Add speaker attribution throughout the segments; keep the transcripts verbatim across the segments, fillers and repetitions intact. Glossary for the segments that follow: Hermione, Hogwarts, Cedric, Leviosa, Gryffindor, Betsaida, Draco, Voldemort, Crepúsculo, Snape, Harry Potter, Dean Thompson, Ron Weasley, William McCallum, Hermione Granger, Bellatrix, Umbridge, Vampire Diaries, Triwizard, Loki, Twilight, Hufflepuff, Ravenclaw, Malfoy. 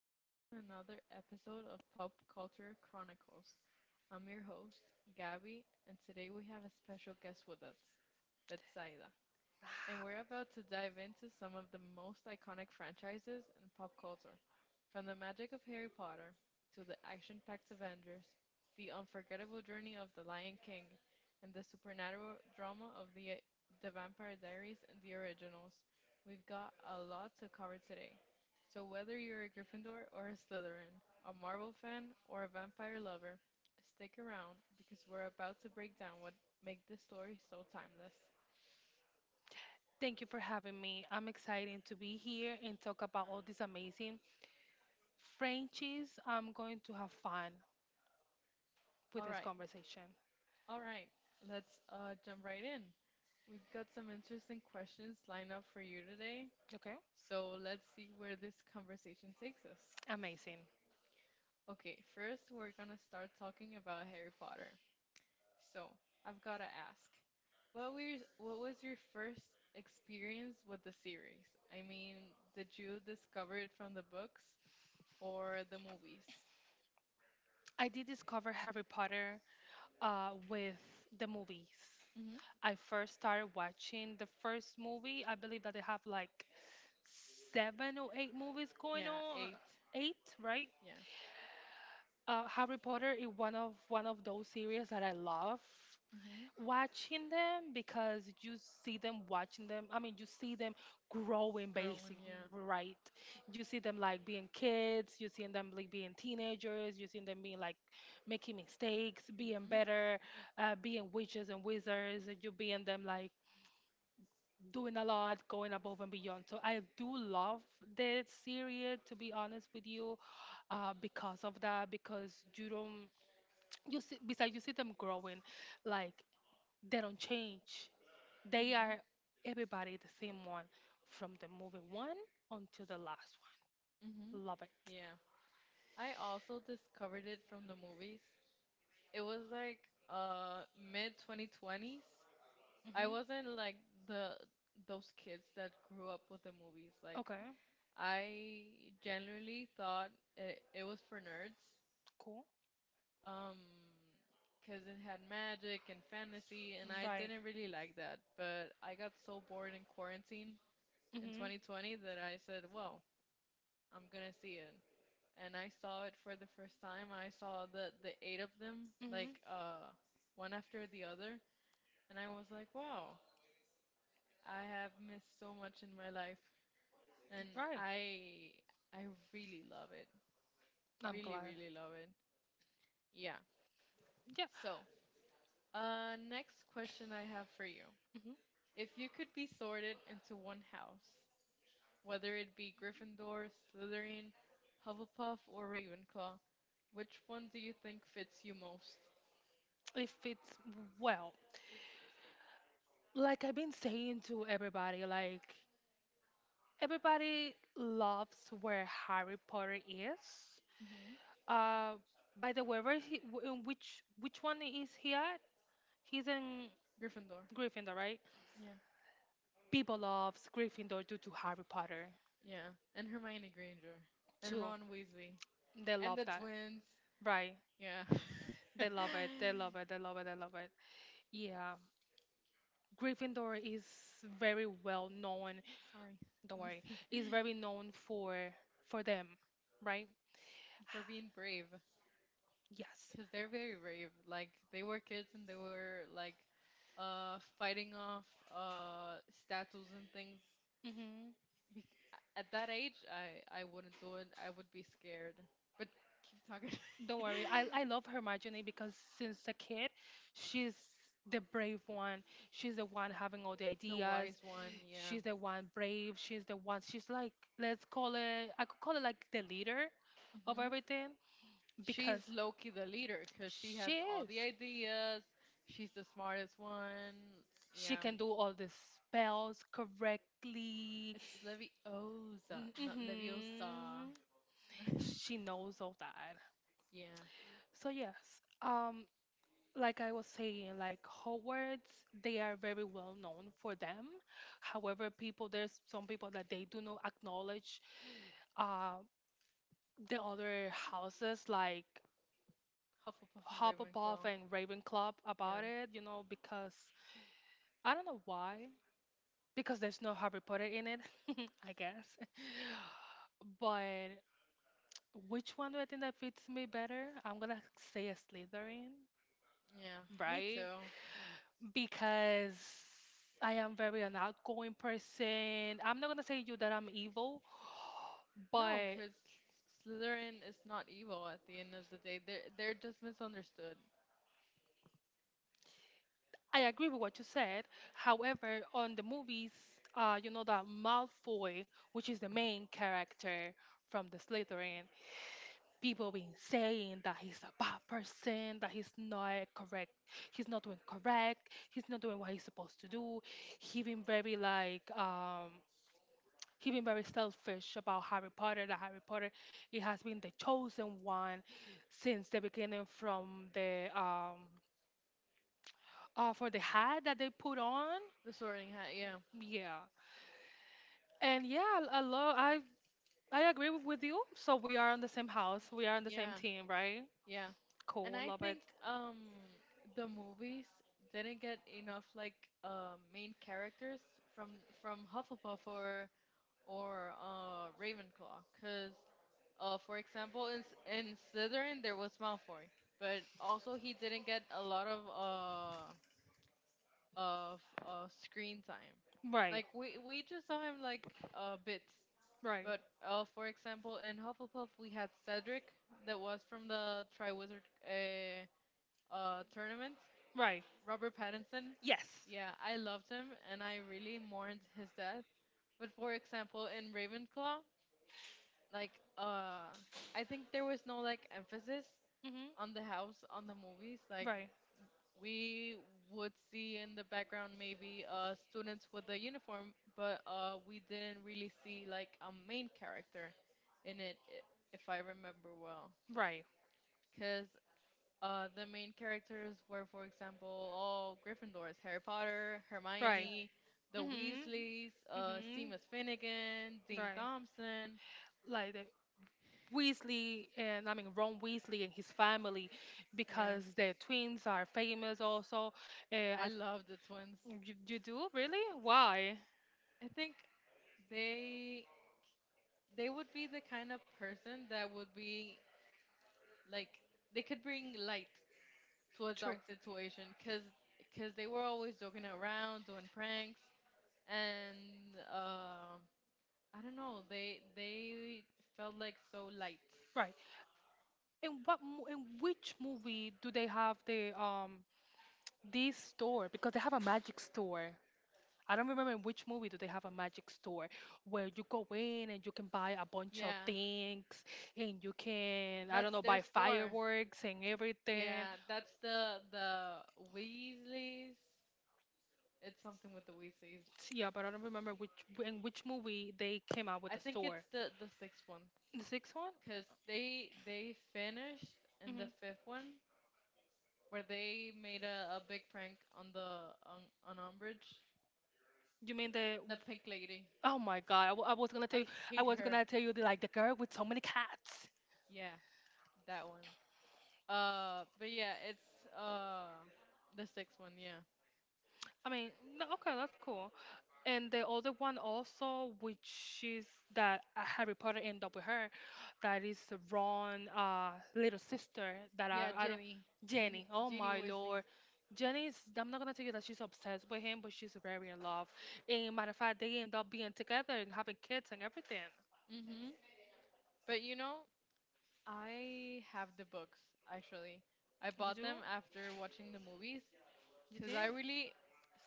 Speaker 1: welcome to another episode of Pop Culture Chronicles. I'm your host, Gabby, and today we have a special guest with us, Betsaida, and we're about to dive into some of the most iconic franchises in pop culture. From the magic of Harry Potter to the action packed Avengers, the unforgettable journey of The Lion King, and the supernatural drama of the, the Vampire Diaries and the originals, we've got a lot to cover today. So, whether you're a Gryffindor or a Slytherin, a Marvel fan or a vampire lover, stick around because we're about to break down what make this story so timeless.
Speaker 2: Thank you for having me. I'm excited to be here and talk about all these amazing Frenchies. I'm going to have fun with
Speaker 1: All
Speaker 2: this
Speaker 1: right.
Speaker 2: conversation.
Speaker 1: All right, let's uh, jump right in. We've got some interesting questions lined up for you today.
Speaker 2: Okay?
Speaker 1: So let's see where this conversation takes us.
Speaker 2: Amazing.
Speaker 1: Okay, first we're gonna start talking about Harry Potter. So I've gotta ask, what were your- what was your first experience with the series? I mean, did you discover it from the books or the movies?
Speaker 2: I did discover Harry Potter uh, with the movies.
Speaker 1: Mm-hmm.
Speaker 2: I first started watching the first movie. I believe that they have like seven or eight movies going
Speaker 1: Yeah,
Speaker 2: on.
Speaker 1: eight.
Speaker 2: Eight, right?
Speaker 1: Yeah.
Speaker 2: Uh, Harry Potter is one of one of those series that I love
Speaker 1: Mm-hmm.
Speaker 2: watching them because you see them watching them. I mean, you see them growing,
Speaker 1: Growing,
Speaker 2: basically,
Speaker 1: yeah.
Speaker 2: right? You see them like being kids, you see them like being teenagers, you see them being like making mistakes, being
Speaker 1: hmm
Speaker 2: better, uh, being witches and wizards, and you being them like doing a lot, going above and beyond. So I do love this series, to be honest with you, uh, because of that, because you don't, you see, besides you see them growing, like they don't change, they
Speaker 1: hmm
Speaker 2: are everybody the same one from the movie one until the last one.
Speaker 1: hmm
Speaker 2: Love it.
Speaker 1: Yeah. I also discovered it from the movies. It was like uh mid twenty twenties. I wasn't
Speaker 2: Mhm.
Speaker 1: like the those kids that grew up with the movies. Like
Speaker 2: Okay,
Speaker 1: I generally thought it, it was for nerds.
Speaker 2: cool.
Speaker 1: Um, Because it had magic and fantasy, and I
Speaker 2: Right.
Speaker 1: didn't really like that. But I got so bored in quarantine in
Speaker 2: Mhm.
Speaker 1: twenty twenty that I said, "Well, I'm gonna see it." And I saw it for the first time. I saw the the eight of them,
Speaker 2: Mhm.
Speaker 1: like uh, one after the other, and I was like, "Wow, I have missed so much in my life," and
Speaker 2: Right.
Speaker 1: I I really love it.
Speaker 2: I'm
Speaker 1: Really,
Speaker 2: glad.
Speaker 1: really love it. Yeah.
Speaker 2: Yeah.
Speaker 1: So, uh, next question I have for you.
Speaker 2: Mhm.
Speaker 1: If you could be sorted into one house, whether it be Gryffindor, Slytherin, Hufflepuff, or Ravenclaw, which one do you think fits you most?
Speaker 2: It fits well. Like I've been saying to everybody, like everybody loves where Harry Potter is.
Speaker 1: hmm
Speaker 2: Uh, by the way, where is he, wh- in which which one is he at? He's in
Speaker 1: Gryffindor.
Speaker 2: Gryffindor, right?
Speaker 1: Yeah.
Speaker 2: People loves Gryffindor due to Harry Potter
Speaker 1: Yeah. And Hermione Granger. And
Speaker 2: too.
Speaker 1: Ron Weasley.
Speaker 2: They
Speaker 1: And
Speaker 2: love
Speaker 1: the
Speaker 2: that.
Speaker 1: twins.
Speaker 2: Right.
Speaker 1: Yeah.
Speaker 2: They love it. They love it. They love it. They love it. Yeah. Gryffindor is very well known.
Speaker 1: Sorry.
Speaker 2: Don't worry. Is very known for for them, right?
Speaker 1: For being brave.
Speaker 2: Yes.
Speaker 1: Because they're very brave. Like they were kids and they were like uh fighting off uh statues and things.
Speaker 2: hmm
Speaker 1: Bec- At that age, I I wouldn't do it. I would be scared. But keep talking.
Speaker 2: Don't worry. I, I love her Hermione because since a kid, she's the brave one. She's the one having all the
Speaker 1: The
Speaker 2: ideas.
Speaker 1: wise one, yeah.
Speaker 2: She's the one brave. She's the one. She's like, let's call it, I could call it like the leader of
Speaker 1: hmm
Speaker 2: everything
Speaker 1: she's
Speaker 2: because
Speaker 1: Loki the leader because she
Speaker 2: she
Speaker 1: has all
Speaker 2: is.
Speaker 1: the ideas. She's the smartest one.
Speaker 2: She
Speaker 1: Yeah.
Speaker 2: can do all the spells correctly.
Speaker 1: It's Leviosa, not Leviosa.
Speaker 2: Mm-hmm. She knows all that.
Speaker 1: Yeah.
Speaker 2: So yes, um, like I was saying, like Hogwarts, they are very well known for them. However, people there's some people that they do not acknowledge uh, the other houses like
Speaker 1: Hufflepuff and
Speaker 2: Hufflepuff
Speaker 1: Ravenclaw.
Speaker 2: and Ravenclaw about
Speaker 1: Yeah.
Speaker 2: it, you know, because I don't know why, because there's no Harry Potter in it, I guess. But which one do I think that fits me better? I'm gonna say a Slytherin,
Speaker 1: Yeah. Me
Speaker 2: right?
Speaker 1: too.
Speaker 2: Because I am very an outgoing person. I'm not gonna say you that I'm evil,
Speaker 1: No,
Speaker 2: but
Speaker 1: because Slytherin is not evil at the end of the day. They're, they're just misunderstood.
Speaker 2: I agree with what you said. However, on the movies, uh, you know that Malfoy, which is the main character from the Slytherin, people been saying that he's a bad person, that he's not correct, he's not doing correct, he's not doing what he's supposed to do. He been very like um he has been very selfish about Harry Potter. That Harry Potter, it has been the chosen one since the beginning, from the um, uh, for the hat that they put on.
Speaker 1: The sorting hat, yeah.
Speaker 2: Yeah, and yeah, I I love. I I agree with with you. So we are on the same house. We are on the same
Speaker 1: Yeah,
Speaker 2: team, right?
Speaker 1: yeah. And
Speaker 2: Cool,
Speaker 1: I
Speaker 2: love it.
Speaker 1: think um the movies didn't get enough like uh, main characters from from Hufflepuff or or uh cause Uh, for example, in S- in Slytherin there was Malfoy, but also he didn't get a lot of uh of uh screen time.
Speaker 2: Right,
Speaker 1: Like we we just saw him like uh bits.
Speaker 2: right,
Speaker 1: But uh, for example, in Hufflepuff we had Cedric that was from the Triwizard uh, uh, tournament.
Speaker 2: right.
Speaker 1: Robert Pattinson,
Speaker 2: Yes.
Speaker 1: yeah, I loved him and I really mourned his death. But for example, in Ravenclaw, like uh, I think there was no like emphasis
Speaker 2: hmm
Speaker 1: on the house on the movies. Like
Speaker 2: Right,
Speaker 1: we would see in the background maybe uh, students with a uniform, but uh, we didn't really see like a main character in it, i- if I remember well.
Speaker 2: right.
Speaker 1: Because uh, the main characters were, for example, all Gryffindors: Harry Potter,
Speaker 2: Right.
Speaker 1: Hermione, the
Speaker 2: Mhm.
Speaker 1: Weasleys, uh,
Speaker 2: Mhm.
Speaker 1: Seamus Finnegan, Dean
Speaker 2: Right.
Speaker 1: Thompson.
Speaker 2: Like the Weasley, and I mean Ron Weasley and his family,
Speaker 1: Yeah,
Speaker 2: because their twins are famous also. Uh,
Speaker 1: I
Speaker 2: I,
Speaker 1: love the twins.
Speaker 2: you, you do really? Why?
Speaker 1: I think they they would be the kind of person that would be like they could bring light to a
Speaker 2: True.
Speaker 1: dark situation because cause 'cause they were always joking around doing pranks and uh, I don't know, they they felt like so light.
Speaker 2: Right. And what mo- in which movie do they have the um this store? Because they have a magic store. I don't remember in which movie do they have a magic store where you go in and you can buy a bunch of
Speaker 1: Yeah,
Speaker 2: things and you can I
Speaker 1: that's
Speaker 2: don't know
Speaker 1: their
Speaker 2: buy
Speaker 1: store.
Speaker 2: fireworks and everything. S-
Speaker 1: Yeah, that's the the Weasleys. It's something with the Weasleys.
Speaker 2: Yeah, but I don't remember which in which movie they came out with
Speaker 1: I
Speaker 2: the
Speaker 1: think it's
Speaker 2: store.
Speaker 1: the the sixth one,
Speaker 2: The sixth one?
Speaker 1: because they they finished in the
Speaker 2: hmm
Speaker 1: fifth one where they made a, a big prank on the on, on Umbridge.
Speaker 2: You mean the?
Speaker 1: The pink lady.
Speaker 2: Oh my God! I, w- I was gonna tell you.
Speaker 1: I
Speaker 2: I
Speaker 1: hate
Speaker 2: was
Speaker 1: her.
Speaker 2: gonna tell you the, like the girl with so many cats.
Speaker 1: Yeah, that one. Uh, but yeah, it's uh the sixth one. Yeah,
Speaker 2: I mean, no, okay, that's cool. And the other one also, which is that uh, Harry Potter end up with her, that is Ron, uh, little sister that I,
Speaker 1: yeah,
Speaker 2: I don't,
Speaker 1: Jenny, Jenny,
Speaker 2: Jenny. Oh
Speaker 1: Jenny
Speaker 2: my
Speaker 1: Wesley.
Speaker 2: lord, Jenny is. I'm not gonna tell you that she's obsessed with him, but she's very in love. And matter of fact, they end up being together and having kids and everything.
Speaker 1: Mm-hmm. But you know, I have the books actually. I
Speaker 2: You
Speaker 1: bought
Speaker 2: do?
Speaker 1: them after watching the movies,
Speaker 2: You
Speaker 1: because
Speaker 2: did?
Speaker 1: I really,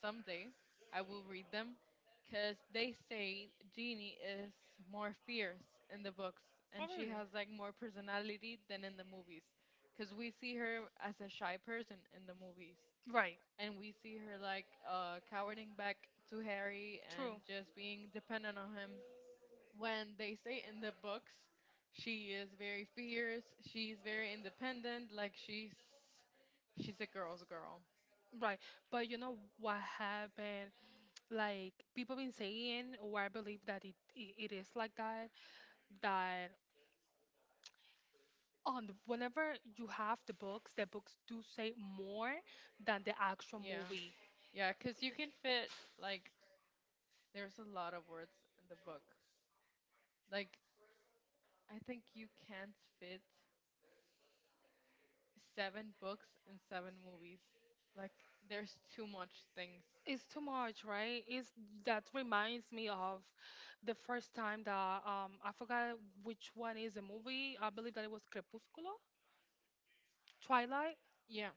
Speaker 1: someday I will read them because they say Jeannie is more fierce in the books
Speaker 2: Oh
Speaker 1: and she
Speaker 2: really?
Speaker 1: has like more personality than in the movies, because we see her as a shy person in the movies
Speaker 2: Right.
Speaker 1: and we see her like uh, cowering back to Harry and
Speaker 2: True.
Speaker 1: just being dependent on him when they say in the books she is very fierce, she's very independent, like she's she's a girl's girl.
Speaker 2: Right. But you know what happened? Like people been saying, or I believe that it, it, it is like that, that on the- whenever you have the books, the books do say more than the actual
Speaker 1: Yeah.
Speaker 2: movie.
Speaker 1: Yeah, because you can fit, like, there's a lot of words in the book. Like, I think you can't fit seven books and seven movies. Like, there's too much things.
Speaker 2: It's too much, right? It's that reminds me of the first time that um I forgot which one is a movie. I believe that it was Crepúsculo, Twilight.
Speaker 1: Yeah.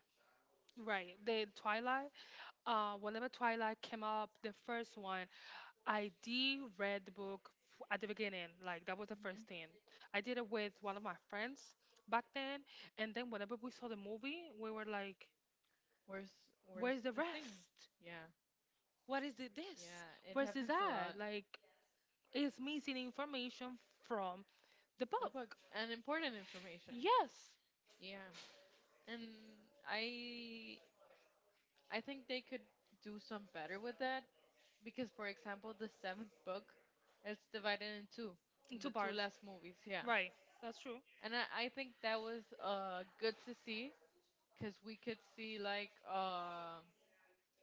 Speaker 2: Right, the Twilight. Uh, whenever Twilight came up, the first one, I did read the book f- at the beginning. Like that was the
Speaker 1: hmm
Speaker 2: first thing. I did it with one of my friends back then, and then whenever we saw the movie, we were like,
Speaker 1: Where's where's
Speaker 2: "Where's the
Speaker 1: the thing?
Speaker 2: rest?
Speaker 1: Yeah,
Speaker 2: What is it this?
Speaker 1: yeah, it
Speaker 2: Where's this
Speaker 1: happens a lot.
Speaker 2: at? Like, it's missing information from the
Speaker 1: The
Speaker 2: book."
Speaker 1: books and important information.
Speaker 2: Yes,
Speaker 1: Yeah, and I I think they could do some better with that. Because for example the seventh book, it's divided in two,
Speaker 2: in
Speaker 1: in
Speaker 2: two
Speaker 1: the two
Speaker 2: bars.
Speaker 1: last movies. Yeah,
Speaker 2: Right, that's true.
Speaker 1: and i, I think that was uh good to see because we could see like uh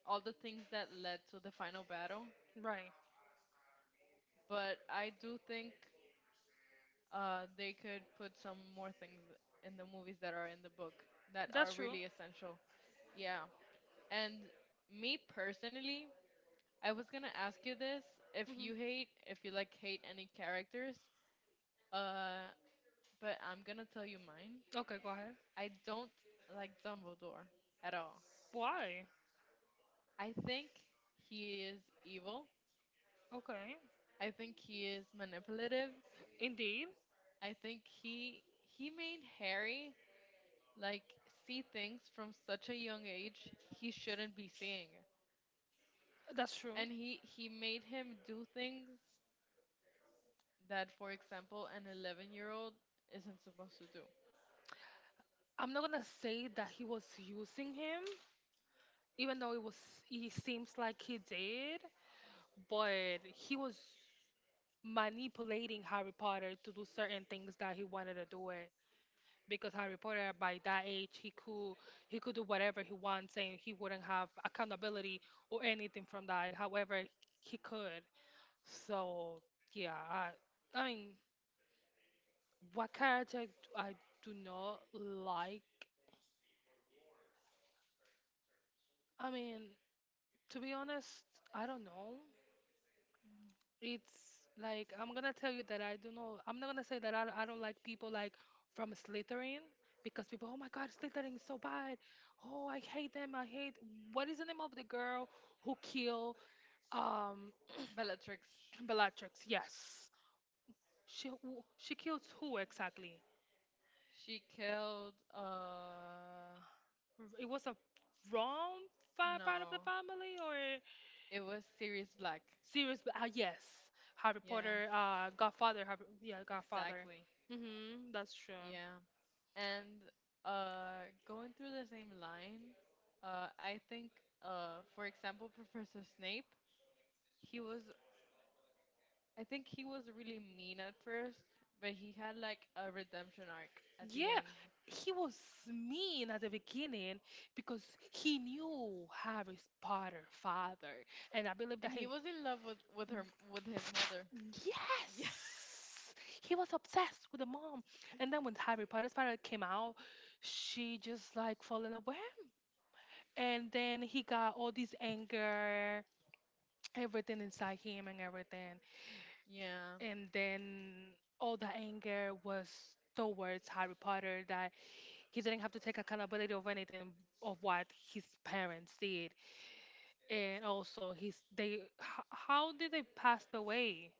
Speaker 1: all the things that led to the final battle,
Speaker 2: Right,
Speaker 1: but I do think uh they could put some more things in the movies that are in the book that are
Speaker 2: that's true.
Speaker 1: really essential. Yeah. And me personally, I was gonna ask you this, if you hate, if you like hate any characters, uh but I'm gonna tell you mine.
Speaker 2: Okay, go ahead.
Speaker 1: I don't like Dumbledore at all.
Speaker 2: Why?
Speaker 1: I think he is evil.
Speaker 2: Okay.
Speaker 1: I think he is manipulative.
Speaker 2: Indeed.
Speaker 1: I think he he made Harry like see things from such a young age he shouldn't be seeing.
Speaker 2: That's true.
Speaker 1: And he he made him do things that, for example, an eleven-year-old isn't supposed to do.
Speaker 2: I'm not gonna say that he was using him, even though it was he seems like he did, but he was manipulating Harry Potter to do certain things that he wanted to do it. Because Harry Potter by that age he could he could do whatever he wants and he wouldn't have accountability or anything from that. However, he could. So yeah, I, I mean, what character d- I do not like? I mean, to be honest, I don't know. It's like I'm gonna tell you that I don't know. I'm not gonna say that I, I don't like people like from Slytherin because people, oh my God, Slytherin is so bad. Oh, I hate them. I hate. What is the name of the girl who killed um
Speaker 1: Bellatrix.
Speaker 2: Bellatrix? Yes, she who- she kills who exactly?
Speaker 1: She killed uh
Speaker 2: r- it was a wrong fa- part of the
Speaker 1: no
Speaker 2: family or
Speaker 1: It was Sirius Black.
Speaker 2: serious but, uh, yes Harry
Speaker 1: Yeah,
Speaker 2: Potter uh godfather Harry, yeah godfather
Speaker 1: exactly.
Speaker 2: mm-hmm that's true.
Speaker 1: Yeah. And uh, going through the same line, uh, I think, uh, for example, Professor Snape, he was, I think he was really mean at first, but he had like a redemption arc at
Speaker 2: Yeah
Speaker 1: the end.
Speaker 2: he was mean at the beginning because he knew Harry's Potter father and I believe that
Speaker 1: And he
Speaker 2: he
Speaker 1: was in love with, with her, with his mother. Yeah.
Speaker 2: Yes. He was obsessed with the mom. And then when Harry Potter's father came out, she just like fell in love with and then he got all this anger everything inside him and everything
Speaker 1: Yeah.
Speaker 2: and then all the anger was towards Harry Potter that he didn't have to take accountability of anything of what his parents did and also his they h- how did they pass away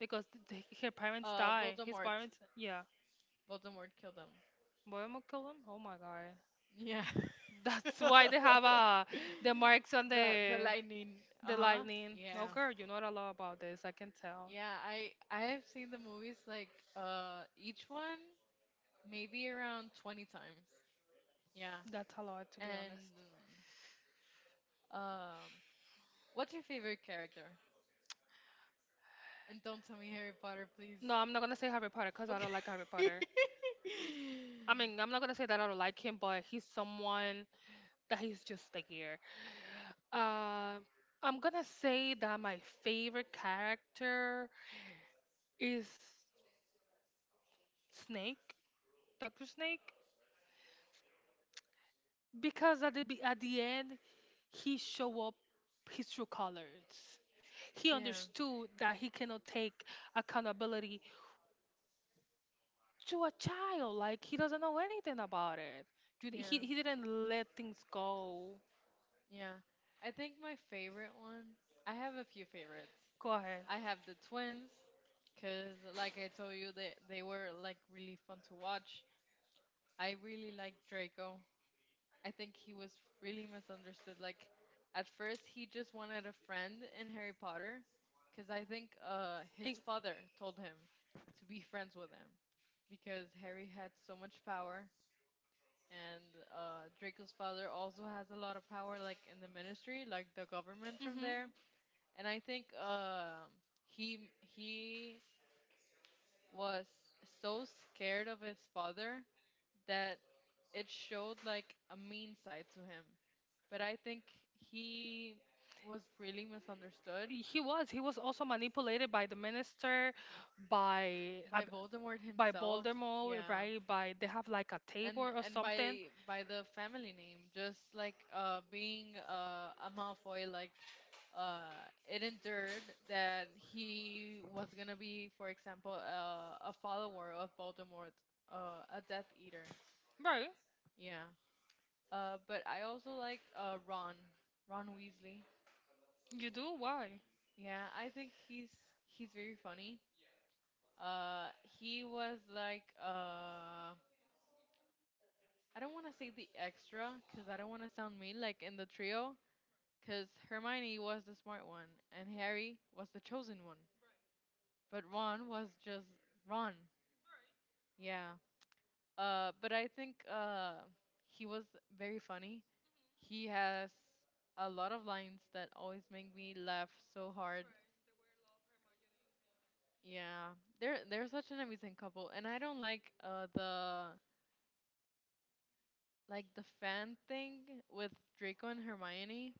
Speaker 2: because th- th- her parents
Speaker 1: Uh,
Speaker 2: died his
Speaker 1: Voldemort.
Speaker 2: parents yeah
Speaker 1: Voldemort killed him.
Speaker 2: William McCallum? Oh my god.
Speaker 1: Yeah.
Speaker 2: That's why they have uh, the marks on
Speaker 1: the the
Speaker 2: the
Speaker 1: lightning. Uh
Speaker 2: the
Speaker 1: huh.
Speaker 2: lightning. No,
Speaker 1: Yeah.
Speaker 2: girl, you know a lot about this. I can tell.
Speaker 1: Yeah. I I have seen the movies like uh each one maybe around twenty times. Yeah.
Speaker 2: That's a lot, to be
Speaker 1: And
Speaker 2: honest.
Speaker 1: um, what's your favorite character? And don't tell me Harry Potter, please.
Speaker 2: No, I'm not gonna say Harry Potter because I
Speaker 1: Okay.
Speaker 2: don't like Harry Potter. I mean, I'm not gonna say that I don't like him, but he's someone that he's just here. Uh, I'm gonna say that my favorite character is Snake, Doctor Snake. Because at the be- at the end, he show up his true colors. He
Speaker 1: Yeah.
Speaker 2: understood that he cannot take accountability to a child. Like he doesn't know anything about it. Dude, He
Speaker 1: Yeah.
Speaker 2: he didn't let things go.
Speaker 1: Yeah. I think my favorite one, I have a few favorites.
Speaker 2: Go ahead.
Speaker 1: I have the twins, because, like I told you, they, they were like really fun to watch. I really like Draco. I think he was really misunderstood. Like, at first, he just wanted a friend in Harry Potter, because I think uh, his
Speaker 2: Ex-
Speaker 1: father told him to be friends with him, because Harry had so much power and uh, Draco's father also has a lot of power, like in the ministry, like the government from
Speaker 2: Mhm.
Speaker 1: there. And I think uh, he he was so scared of his father that it showed like a mean side to him. But I think he was really misunderstood
Speaker 2: He was. He was also manipulated by the minister, by.
Speaker 1: by Voldemort
Speaker 2: By
Speaker 1: himself.
Speaker 2: Baltimore,
Speaker 1: Yeah.
Speaker 2: right? By they have like a
Speaker 1: and
Speaker 2: table or
Speaker 1: and
Speaker 2: something,
Speaker 1: by by the family name, just like uh being uh, a Malfoy, like uh it endured that he was gonna be, for example, uh, a follower of Voldemort, uh a Death Eater.
Speaker 2: right?
Speaker 1: Yeah. Uh, but I also like uh Ron Ron Weasley.
Speaker 2: You do why?
Speaker 1: Yeah, I think he's he's very funny. uh he was like uh I don't want to say the extra because I don't want to sound mean, like in the trio.
Speaker 2: Right.
Speaker 1: Because Hermione was the smart one, and
Speaker 2: Mhm.
Speaker 1: Harry was the chosen one.
Speaker 2: Right.
Speaker 1: But Ron was just Ron.
Speaker 2: Right.
Speaker 1: Yeah. Uh, but I think uh, he was very funny.
Speaker 2: Mhm.
Speaker 1: He has a lot of lines that always make me laugh so hard.
Speaker 2: Right. They were in love, Hermione and him.
Speaker 1: Yeah, they're they're such an amazing couple, and I don't like uh the like the fan thing with Draco and Hermione.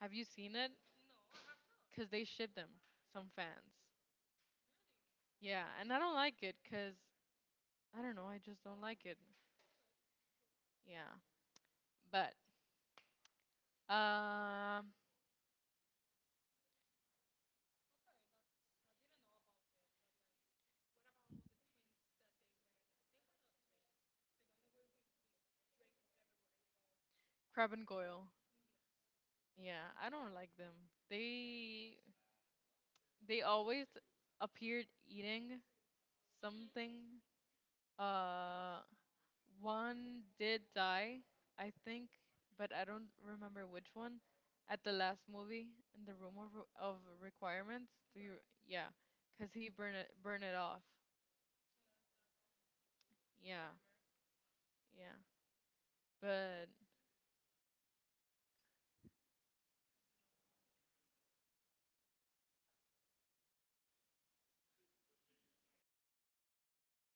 Speaker 1: Have you seen it?
Speaker 2: No, I have not.
Speaker 1: Cause they ship them, some fans. Yeah, and I don't like it because I don't know, I just don't like it. Yeah, but um, crab and Goyle. Yeah, I don't like them. They they always appeared eating something. Uh, one did die, I think, but I don't remember which one. At the last movie in the room of, of requirements, do you? Yeah, cause he burned it burned it off. Yeah, yeah, but